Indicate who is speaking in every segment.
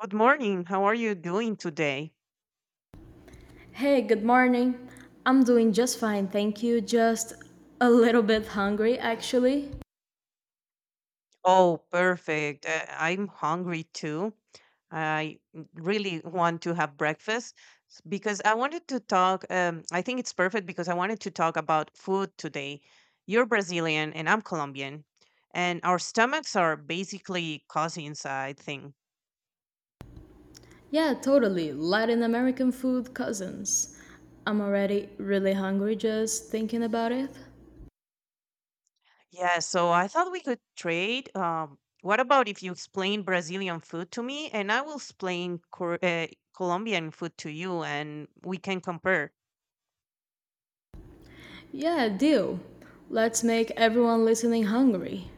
Speaker 1: Good morning. How are you doing today?
Speaker 2: Hey, good morning. I'm doing just fine, thank you. Just a little bit hungry, actually.
Speaker 1: Oh, perfect. I'm hungry too. I really want to have breakfast because I wanted to talk. I think it's perfect because I wanted to talk about food today. You're Brazilian and I'm Colombian, and our stomachs are basically cousins, I think.
Speaker 2: Yeah, totally. Latin American food cousins. I'm already really hungry just thinking about it.
Speaker 1: Yeah, so I thought we could trade. What about if you explain Brazilian food to me and I will explain Colombian food to you and we can compare?
Speaker 2: Yeah, deal. Let's make everyone listening hungry.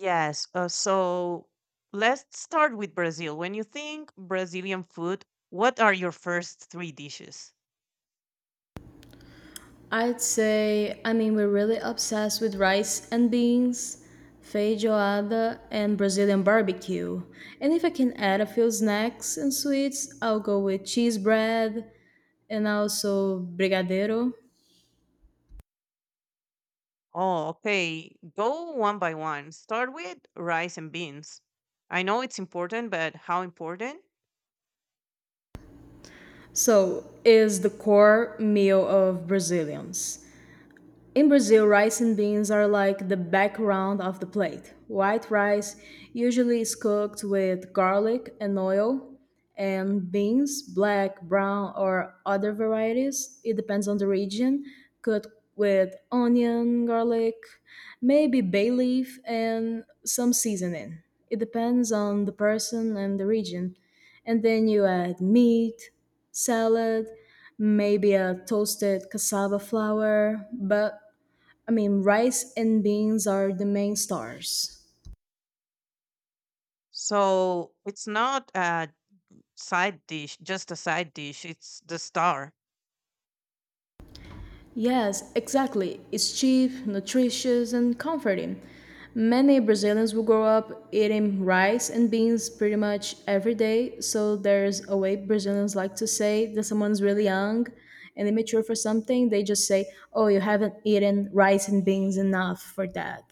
Speaker 1: Yes, so let's start with Brazil. When you think Brazilian food, what are your first three dishes?
Speaker 2: I'd say, I mean, we're really obsessed with rice and beans, feijoada, and Brazilian barbecue. And if I can add a few snacks and sweets, I'll go with cheese bread, and also brigadeiro.
Speaker 1: Oh, okay. Go one by one. Start with rice and beans. I know it's important, but how important?
Speaker 2: So, is the core meal of Brazilians. In Brazil, rice and beans are like the background of the plate. White rice usually is cooked with garlic and oil, and beans, black, brown, or other varieties, it depends on the region, cooked with onion, garlic, maybe bay leaf, and some seasoning. It depends on the person and the region. And then you add meat, salad, maybe a toasted cassava flour, but I mean, rice and beans are the main stars.
Speaker 1: So it's not a side dish, just a side dish. It's the star.
Speaker 2: Yes, exactly. It's cheap, nutritious, and comforting. Many Brazilians will grow up eating rice and beans pretty much every day, so there's a way Brazilians like to say that someone's really young and immature for something, they just say, oh, you haven't eaten rice and beans enough for that.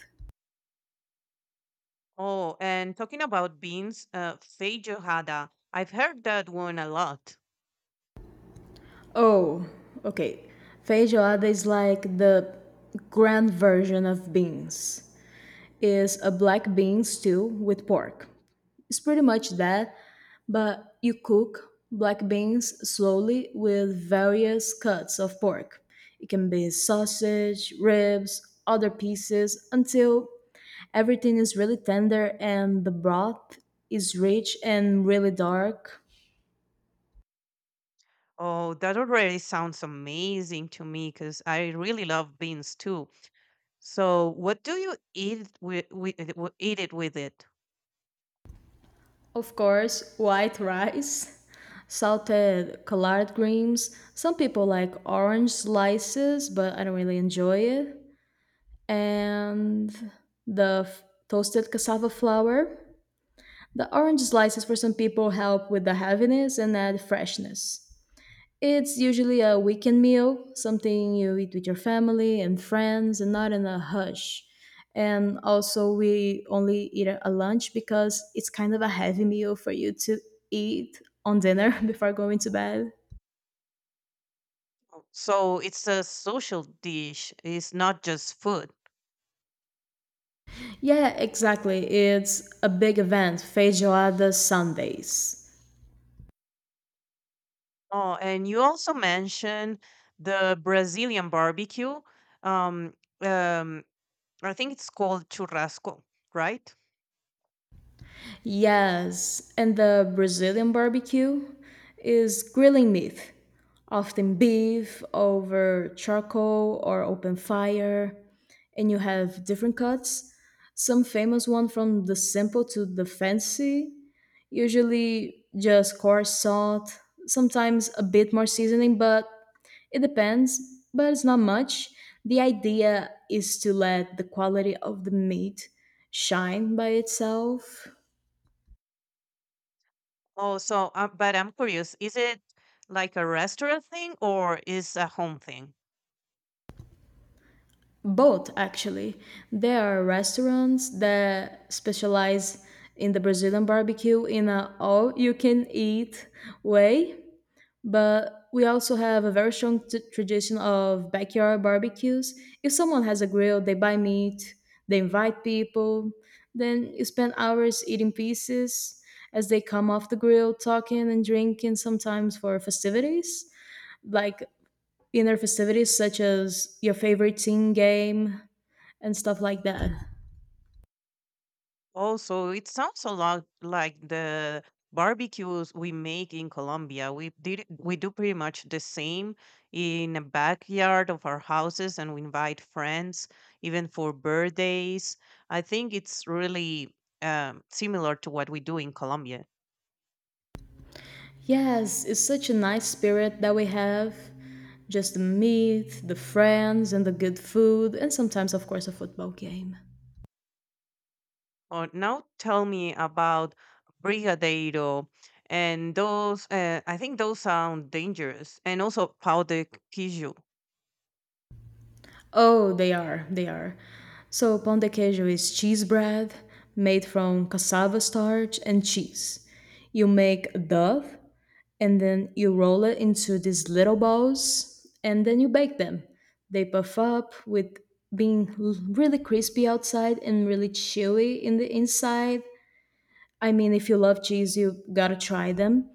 Speaker 1: Oh, and talking about beans, feijoada. I've heard that one a lot.
Speaker 2: Oh, okay. Feijoada is like the grand version of beans. Is a black bean stew with pork. It's pretty much that, but you cook black beans slowly with various cuts of pork. It can be sausage, ribs, other pieces until everything is really tender and the broth is rich and really dark.
Speaker 1: Oh, that already sounds amazing to me because I really love beans too. So, what do you eat with eat it with it?
Speaker 2: Of course, white rice, salted collard greens. Some people like orange slices, but I don't really enjoy it. And the toasted cassava flour. The orange slices for some people help with the heaviness and add freshness. It's usually a weekend meal, something you eat with your family and friends and not in a hush. And also, we only eat it at a lunch because it's kind of a heavy meal for you to eat on dinner before going to bed.
Speaker 1: So it's a social dish. It's not just food.
Speaker 2: Yeah, exactly. It's a big event, Feijoada Sundays.
Speaker 1: Oh, and you also mentioned the Brazilian barbecue. Um, um, I think it's called churrasco, right?
Speaker 2: Yes, and the Brazilian barbecue is grilling meat, often beef over charcoal or open fire, and you have different cuts. Some famous one from the simple to the fancy, usually just coarse salt, sometimes a bit more seasoning, but it depends, but it's not much. The idea is to let the quality of the meat shine by itself.
Speaker 1: Oh, so but I'm curious, is it like a restaurant thing or is a home thing?
Speaker 2: Both, actually. There are restaurants that specialize in the Brazilian barbecue in a all you can eat way, but we also have a very strong tradition of backyard barbecues. If someone has a grill, they buy meat, they invite people, then you spend hours eating pieces as they come off the grill, talking and drinking sometimes for festivities, like inner festivities such as your favorite team game and stuff like that.
Speaker 1: Oh, so it sounds a lot like the barbecues we make in Colombia. We do pretty much the same in the backyard of our houses and we invite friends even for birthdays. I think it's really similar to what we do in Colombia.
Speaker 2: Yes, it's such a nice spirit that we have. Just the meat, the friends, and the good food, and sometimes, of course, a football game.
Speaker 1: Oh, now tell me about Brigadeiro and those. I think those sound dangerous, and also pau de queijo.
Speaker 2: Oh, they are, they are. So, pão de queijo is cheese bread made from cassava starch and cheese. You make a dough and then you roll it into these little balls and then you bake them. They puff up with being really crispy outside and really chewy in the inside. I mean, if you love cheese, you gotta try them.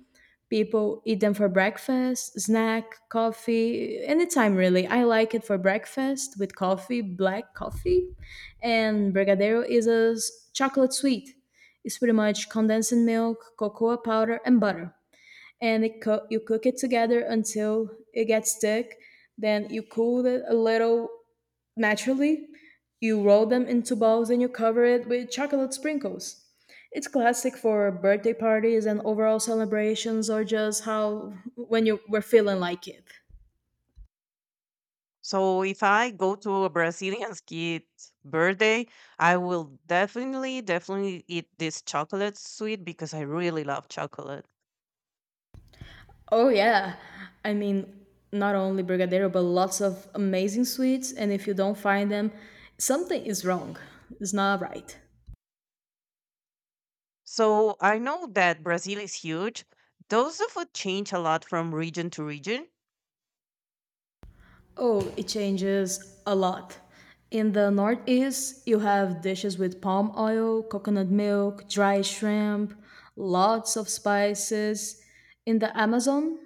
Speaker 2: People eat them for breakfast, snack, coffee, anytime really. I like it for breakfast with coffee, black coffee. And Brigadeiro is a chocolate sweet. It's pretty much condensed milk, cocoa powder, and butter and you cook it together until it gets thick. Then you cool it a little naturally. You roll them into balls and you cover it with chocolate sprinkles. It's classic for birthday parties and overall celebrations, or just how when you were feeling like it.
Speaker 1: So if I go to a Brazilian kid's birthday, I will definitely, definitely eat this chocolate sweet because I really love chocolate.
Speaker 2: Oh yeah, I mean not only brigadeiro but lots of amazing sweets, and if you don't find them, something is wrong. It's not right.
Speaker 1: So I know that Brazil is huge. Does the food change a lot from region to region?
Speaker 2: Oh, it changes a lot. In the Northeast, you have dishes with palm oil, coconut milk, dry shrimp, lots of spices. In the Amazon,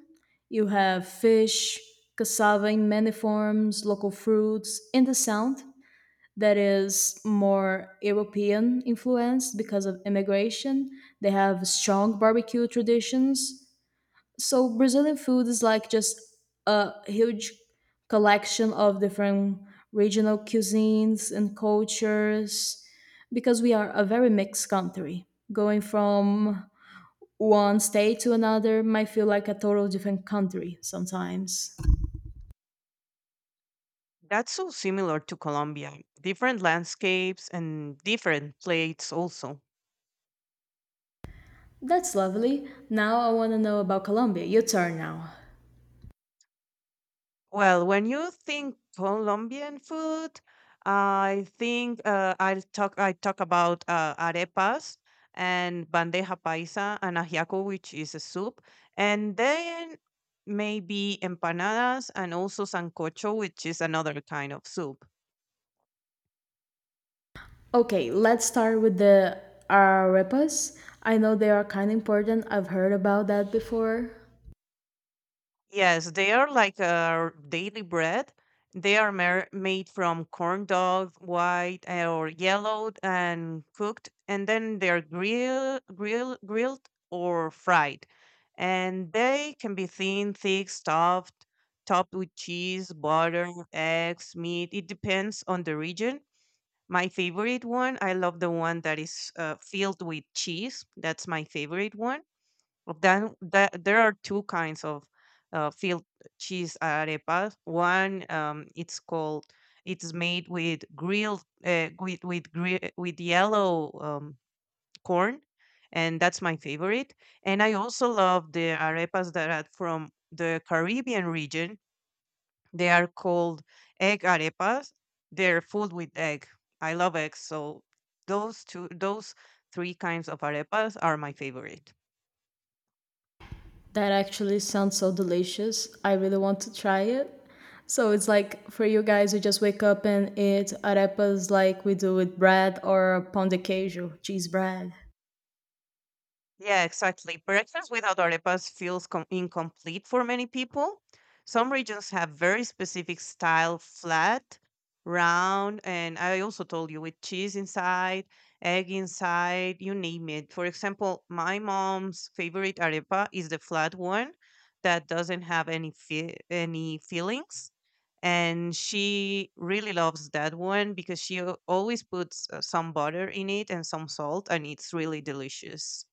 Speaker 2: you have fish, cassava in many forms, local fruits. In the Sound, that is more European influenced because of immigration, they have strong barbecue traditions so Brazilian food is like just a huge collection of different regional cuisines and cultures because we are a very mixed country. Going from one state to another might feel like a total different country sometimes.
Speaker 1: That's so similar to Colombia. Different landscapes and different plates also.
Speaker 2: That's lovely. Now I want to know about Colombia. Your turn now.
Speaker 1: Well, when you think Colombian food, I think I talk about arepas and bandeja paisa and ajiaco, which is a soup, and then maybe empanadas and also sancocho, which is another kind of soup.
Speaker 2: Okay, let's start with the arepas. I know they are kind of important. I've heard about that before.
Speaker 1: Yes, they are like our daily bread. They are mer made from corn dog, white or yellowed and cooked, and then they're grilled or fried. And they can be thin, thick, stuffed, topped with cheese, butter, eggs, meat. It depends on the region. My favorite one, I love the one that is filled with cheese. That's my favorite one. Well, then that there are two kinds of field cheese arepas. It's called, it's made with grilled with yellow corn, and that's my favorite. And I also love the arepas that are from the Caribbean region. They are called egg arepas. They're filled with egg. I love eggs, so those three kinds of arepas are my favorite.
Speaker 2: That actually sounds so delicious. I really want to try it. So it's like for you guys, you just wake up and eat arepas like we do with bread or pão de queijo, cheese bread.
Speaker 1: Yeah, exactly. Breakfast without arepas feels incomplete for many people. Some regions have very specific style, flat, round, and I also told you with cheese inside, egg inside, you name it. For example, my mom's favorite arepa is the flat one that doesn't have any fillings, and she really loves that one because she always puts some butter in it and some salt and it's really delicious.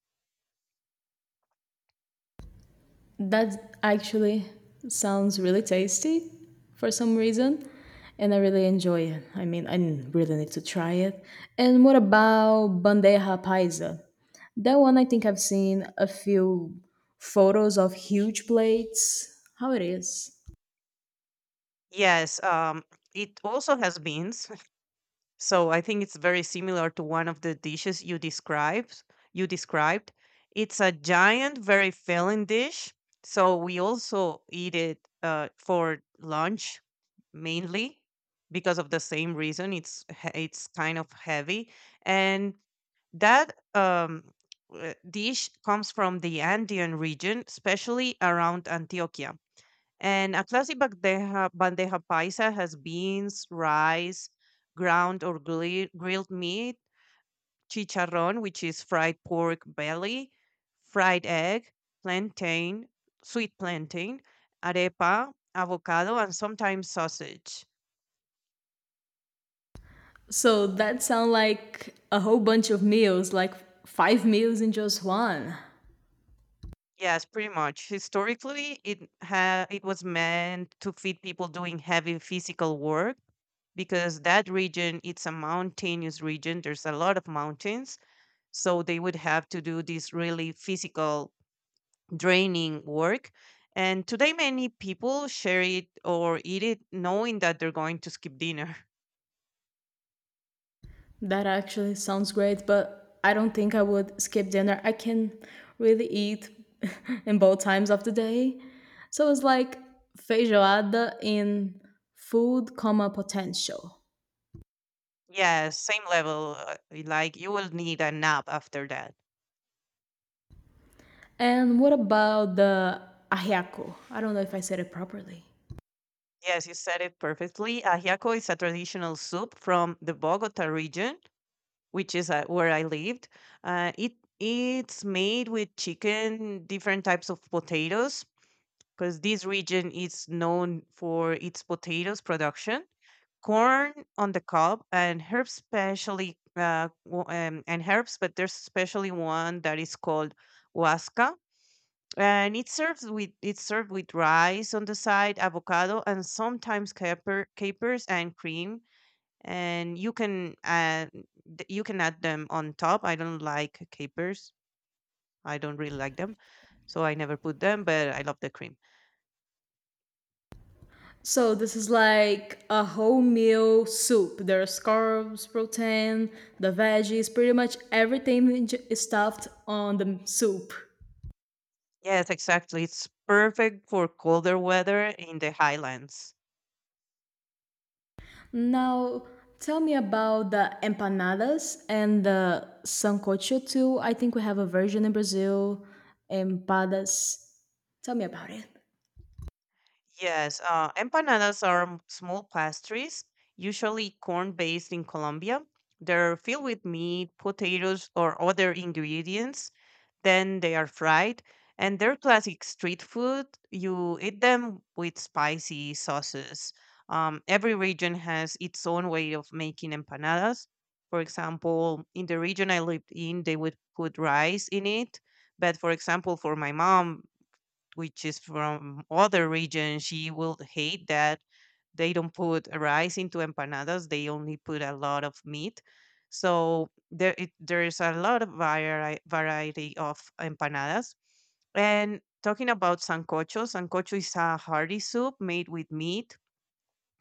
Speaker 2: That actually sounds really tasty for some reason. And I really enjoy it. I mean, I really need to try it. And what about bandeja paisa? That one I think I've seen a few photos of huge plates. How it is?
Speaker 1: yes um it also has beans. So I think it's very similar to one of the dishes you described. You described. It's a giant, very filling dish. So we also eat it for lunch mainly because of the same reason. It's kind of heavy, and that dish comes from the Andean region, especially around Antioquia. And a classic bandeja paisa has beans, rice, ground or grilled meat, chicharrón, which is fried pork belly, fried egg, plantain, sweet plantain, arepa, avocado, and sometimes sausage.
Speaker 2: So that sounds like a whole bunch of meals, like five meals in just one.
Speaker 1: Yes, pretty much. Historically, it was meant to feed people doing heavy physical work because that region it's a mountainous region. There's a lot of mountains, so they would have to do this really physical, draining work. And today, many people share it or eat it knowing that they're going to skip dinner.
Speaker 2: That actually sounds great, but I don't think I would skip dinner. I can really eat in both times of the day. So it's like feijoada in food, comma potential.
Speaker 1: Yes, same level. Like you will need a nap after that.
Speaker 2: And what about the ajiaco? I don't know if I said it properly.
Speaker 1: Yes, you said it perfectly. Ajiaco is a traditional soup from the Bogota region, which is where I lived. Uh, it it's made with chicken, different types of potatoes, because this region is known for its potatoes production, corn on the cob, and herbs specially and herbs, but there's especially one that is called huasca, and it's served with rice on the side, avocado, and sometimes capers and cream. And you can add them on top. I don't like capers, I don't really like them, so I never put them, but I love the cream.
Speaker 2: So this is like a whole meal soup. There are carbs, protein, the veggies, pretty much everything is stuffed on the soup.
Speaker 1: Yes, exactly. It's perfect for colder weather in the highlands.
Speaker 2: Now, tell me about the empanadas and the sancocho too. I think we have a version in Brazil, empadas. Tell me about it.
Speaker 1: Yes, empanadas are small pastries, usually corn-based in Colombia. They're filled with meat, potatoes, or other ingredients. Then they are fried, and they're classic street food. You eat them with spicy sauces. Every region has its own way of making empanadas. For example, in the region I lived in, they would put rice in it. But for example, for my mom, which is from other region, she will hate that they don't put rice into empanadas. They only put a lot of meat. So there is a lot of variety of empanadas. And talking about sancocho, sancocho is a hearty soup made with meat.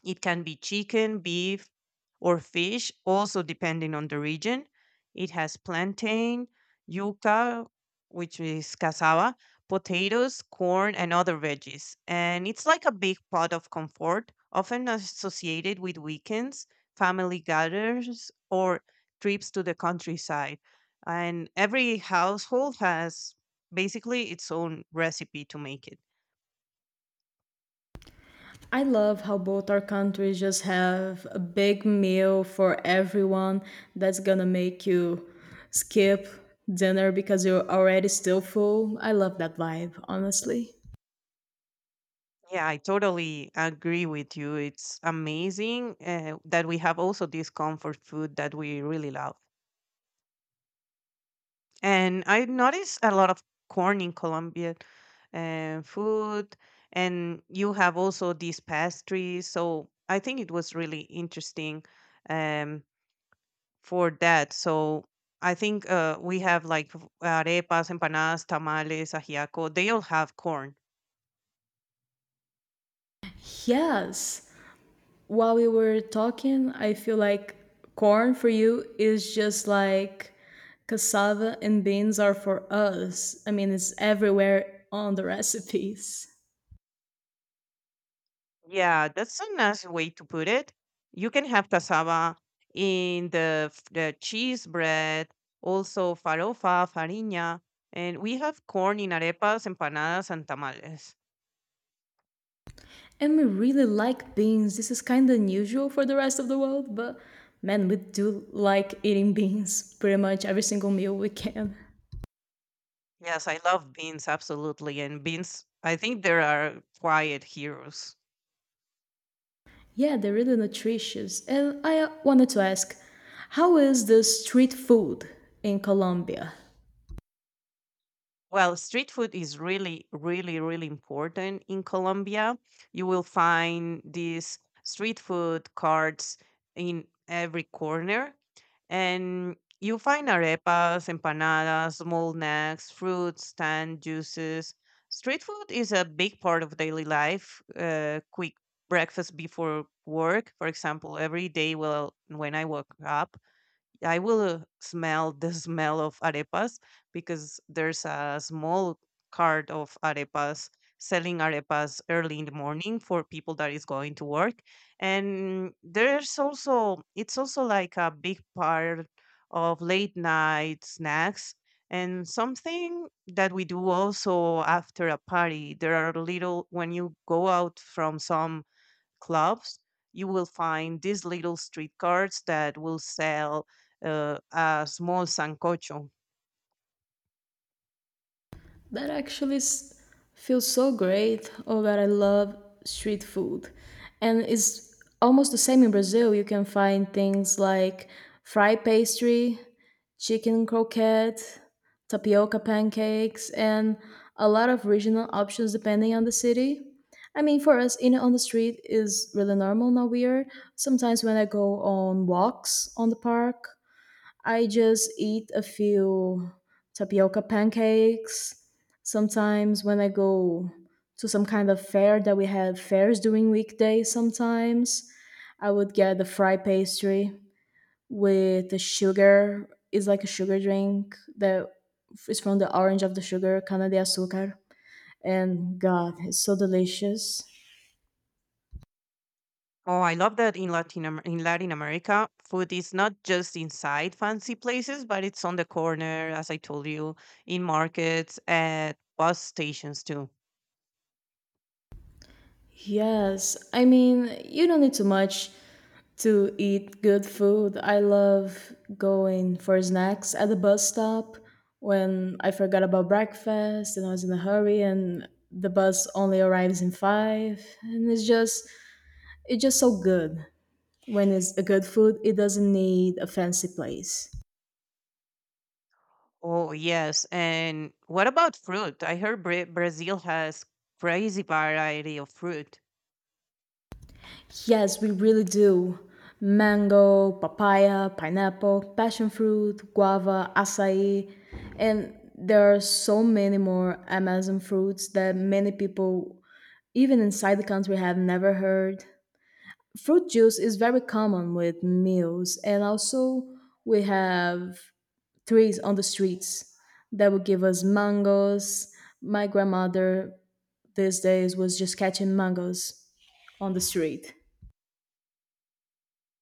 Speaker 1: It can be chicken, beef, or fish, also depending on the region. It has plantain, yuca, which is cassava, potatoes, corn, and other veggies. And it's like a big pot of comfort, often associated with weekends, family gatherings, or trips to the countryside. And every household has basically its own recipe to make it.
Speaker 2: I love how both our countries just have a big meal for everyone that's gonna make you skip dinner because you're already still full. I love that vibe, honestly.
Speaker 1: Yeah, I totally agree with you. It's amazing that we have also this comfort food that we really love. And I notice a lot of corn in Colombian food, and you have also these pastries. So I think it was really interesting um, for that. So I think we have like arepas, empanadas, tamales, ajiaco. They all have corn.
Speaker 2: Yes. While we were talking, I feel like corn for you is just like cassava and beans are for us. I mean, it's everywhere on the recipes.
Speaker 1: Yeah, that's a nice way to put it. You can have cassava in the cheese bread, also farofa, farinha, and we have corn in arepas, empanadas, and tamales.
Speaker 2: And we really like beans. This is kind of unusual for the rest of the world, but man, we do like eating beans pretty much every single meal we can.
Speaker 1: Yes, I love beans absolutely, and beans. I think there are quiet heroes.
Speaker 2: Yeah, they're really nutritious. And I wanted to ask, how is the street food in Colombia?
Speaker 1: Well, street food is really, really, really important in Colombia. You will find these street food carts in every corner and you find arepas, empanadas, small snacks, fruits, tan juices. Street food is a big part of daily life. Quick breakfast before work, for example, every day. Well, when I woke up, I will smell the smell of arepas because there's a small cart of arepas selling arepas early in the morning for people that is going to work, and there's also, it's also like a big part of late night snacks, and something that we do also after a party. There are little, when you go out from some clubs, you will find these little street carts that will sell a small sancocho.
Speaker 2: That feels so great. Oh that I love street food. And it's almost the same in Brazil. You can find things like fried pastry, chicken croquette, tapioca pancakes, and a lot of regional options depending on the city. I mean, for us, eating on the street is really normal, not weird. Sometimes when I go on walks on the park I just eat a few tapioca pancakes. Sometimes when I go to some kind of fair that we have fairs during weekdays sometimes, I would get the fry pastry with the sugar. It's like a sugar drink that is from the orange of the sugar, cana de azúcar. And God, it's so delicious.
Speaker 1: Oh, I love that in in Latin America, food is not just inside fancy places, but it's on the corner, as I told you, in markets, at bus stations too.
Speaker 2: Yes, I mean, you don't need too much to eat good food. I love going for snacks at the bus stop when I forgot about breakfast and I was in a hurry and the bus only arrives in 5 and it's just so good. When it's a good food, it doesn't need a fancy place.
Speaker 1: Oh, yes. And what about fruit? I heard Brazil has crazy variety of fruit.
Speaker 2: Yes, we really do. Mango, papaya, pineapple, passion fruit, guava, acai, and there are so many more Amazon fruits that many people even inside the country have never heard. Fruit juice is very common with meals, and also we have trees on the streets that will give us mangoes. My grandmother these days was just catching mangoes on the street.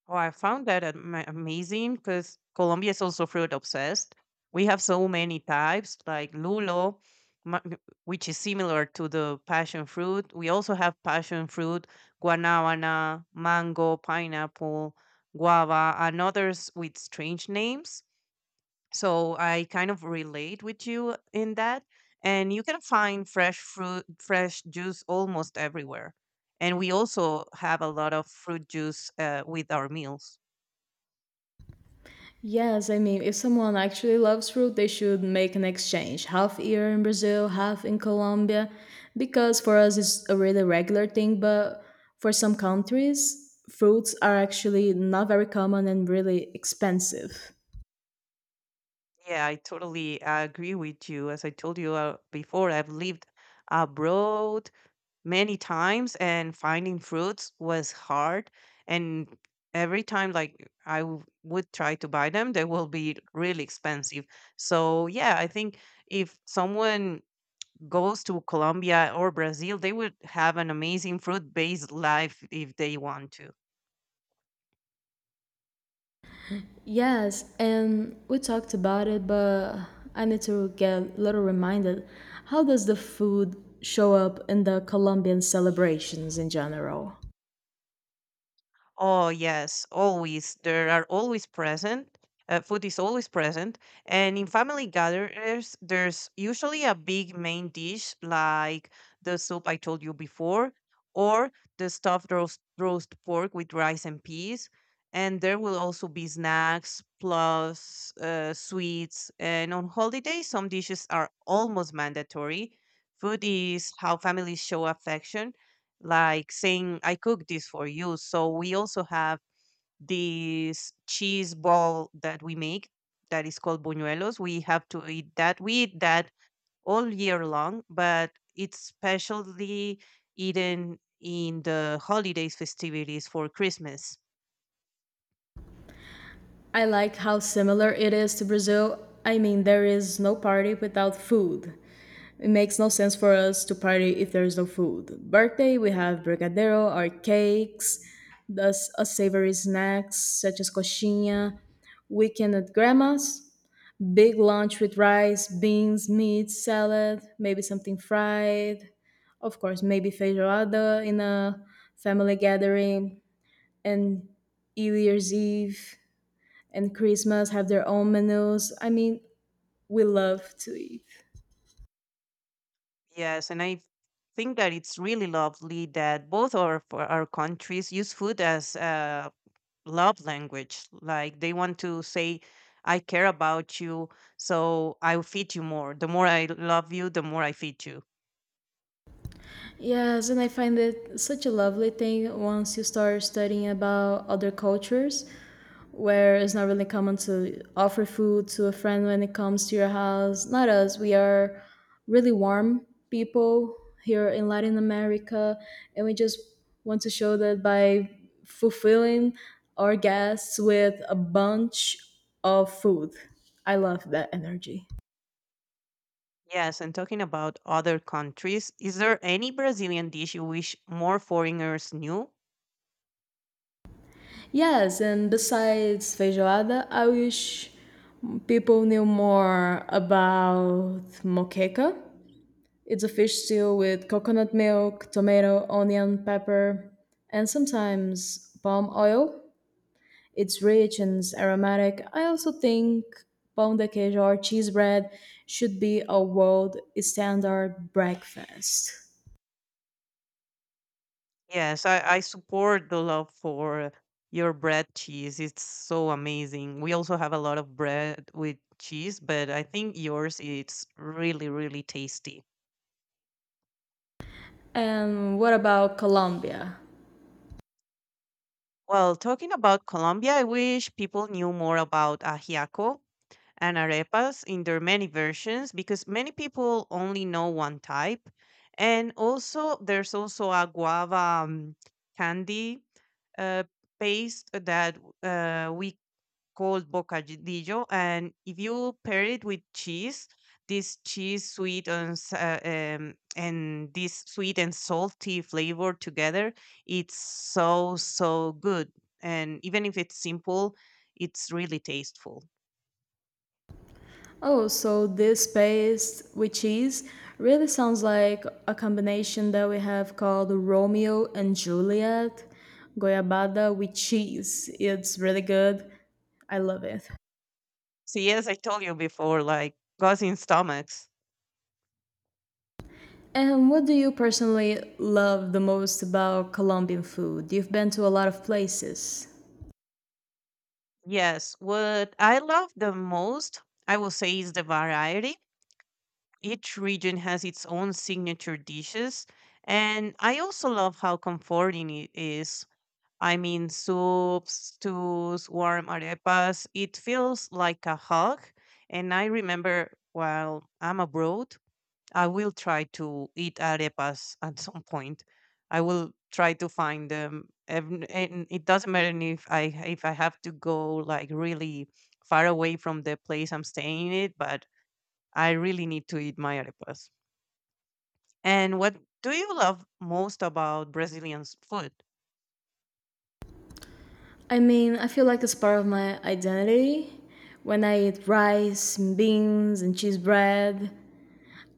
Speaker 1: Oh, I found that amazing because Colombia is also fruit obsessed. We have so many types like lulo, ma- which is similar to the passion fruit. We also have passion fruit, guanabana, mango, pineapple, guava, and others with strange names. So I kind of relate with you in that. And you can find fresh fruit, fresh juice almost everywhere. And we also have a lot of fruit juice with our meals.
Speaker 2: Yes, I mean, if someone actually loves fruit, they should make an exchange, half here in Brazil, half in Colombia, because for us it's a really regular thing, but for some countries, fruits are actually not very common and really expensive.
Speaker 1: Yeah, I totally agree with you. As I told you before, I've lived abroad many times and finding fruits was hard. And every time, like, I would try to buy them, they will be really expensive. So, yeah, I think if someone goes to Colombia or Brazil, they would have an amazing fruit-based life if they want to.
Speaker 2: Yes, and we talked about it, but I need to get a little reminded. How does the food show up in the Colombian celebrations in general?
Speaker 1: Oh, yes, always. There are always present. Food is always present. And in family gatherings, there's usually a big main dish like the soup I told you before, or the stuffed roast pork with rice and peas. And there will also be snacks plus sweets. And on holidays, some dishes are almost mandatory. Food is how families show affection, like saying, I cook this for you. So we also have this cheese ball that we make that is called buñuelos. We have to eat that. We eat that all year long, but it's specially eaten in the holidays festivities for Christmas.
Speaker 2: I like how similar it is to Brazil. I mean, there is no party without food. It makes no sense for us to party if there is no food. Birthday, we have brigadeiro or cakes, thus a savory snacks such as coxinha. Weekend at grandma's, big lunch with rice, beans, meat, salad, maybe something fried. Of course, maybe feijoada in a family gathering and New Year's Eve and Christmas have their own menus. I mean, we love to eat.
Speaker 1: Yes, and I think that it's really lovely that both our for our countries use food as a love language. Like they want to say, I care about you, so I'll feed you more. The more I love you, the more I feed you.
Speaker 2: Yes, and I find it such a lovely thing once you start studying about other cultures where it's not really common to offer food to a friend when it comes to your house. Not us, we are really warm people here in Latin America, and we just want to show that by fulfilling our guests with a bunch of food. I love that energy.
Speaker 1: Yes, and talking about other countries, is there any Brazilian dish you wish more foreigners knew?
Speaker 2: Yes, and besides feijoada, I wish people knew more about moqueca. It's a fish stew with coconut milk, tomato, onion, pepper, and sometimes palm oil. It's rich and aromatic. I also think pound de queijo or cheese bread should be a world standard breakfast.
Speaker 1: Yes, I support the love for your bread cheese. It's so amazing. We also have a lot of bread with cheese, but I think yours it's really, really tasty.
Speaker 2: And what about Colombia?
Speaker 1: Well, talking about Colombia, I wish people knew more about ajiaco and arepas in their many versions because many people only know one type. And also, there's also a guava candy uh, paste that we called bocadillo, and if you pair it with cheese, this cheese sweet and s- and this sweet and salty flavor together, it's so so good. And even if it's simple, it's really tasteful.
Speaker 2: Oh, so this paste with cheese really sounds like a combination that we have called Romeo and Juliet, goyabada with cheese. It's really good. I love it.
Speaker 1: So yes, I told you before, like causing stomachs.
Speaker 2: And what do you personally love the most about Colombian food? You've been to a lot of places.
Speaker 1: Yes, what I love the most, I will say, is the variety. Each region has its own signature dishes. And I also love how comforting it is. I mean, soups, stews, warm arepas, it feels like a hug. And I remember while I'm abroad, I will try to eat arepas at some point. I will try to find them. And it doesn't matter if I, if I have to go like really far away from the place I'm staying in, but I really need to eat my arepas. And what do you love most about Brazilian food?
Speaker 2: I mean, I feel like it's part of my identity. When I eat rice, and beans, and cheese bread,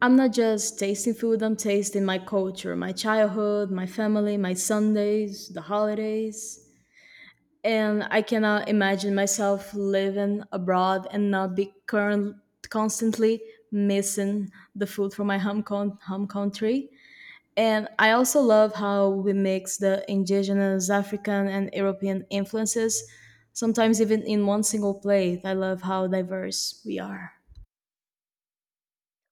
Speaker 2: I'm not just tasting food, I'm tasting my culture, my childhood, my family, my Sundays, the holidays. And I cannot imagine myself living abroad and not be current, constantly missing the food from my home, home country. And I also love how we mix the indigenous, African, and European influences, sometimes even in one single plate. I love how diverse we are.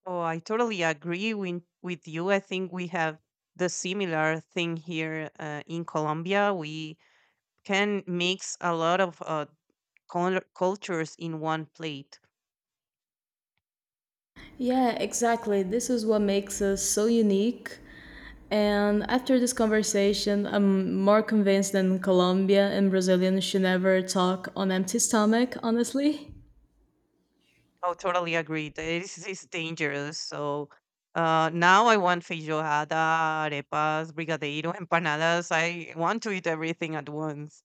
Speaker 1: Oh, I totally agree with you. I think we have the similar thing here in Colombia. We can mix a lot of cultures in one plate.
Speaker 2: Yeah, exactly. This is what makes us so unique. And after this conversation, I'm more convinced than Colombian and Brazilian should never talk on empty stomach, honestly.
Speaker 1: Oh, totally agree. This is dangerous. So now I want feijoada, arepas, brigadeiro, empanadas. I want to eat everything at once.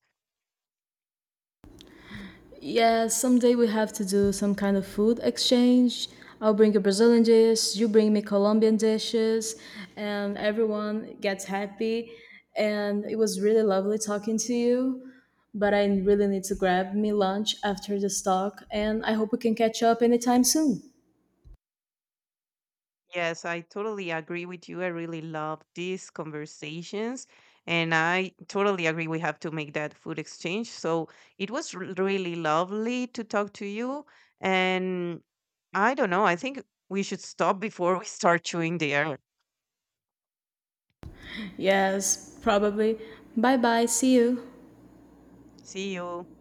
Speaker 2: Yeah, someday we have to do some kind of food exchange. I'll bring you Brazilian dishes, you bring me Colombian dishes, and everyone gets happy. And it was really lovely talking to you, but I really need to grab me lunch after this talk, and I hope we can catch up anytime soon.
Speaker 1: Yes, I totally agree with you. I really love these conversations. And I totally agree we have to make that food exchange. So it was really lovely to talk to you. And I don't know, I think we should stop before we start chewing the air.
Speaker 2: Yes, probably. Bye bye, see you.
Speaker 1: See you.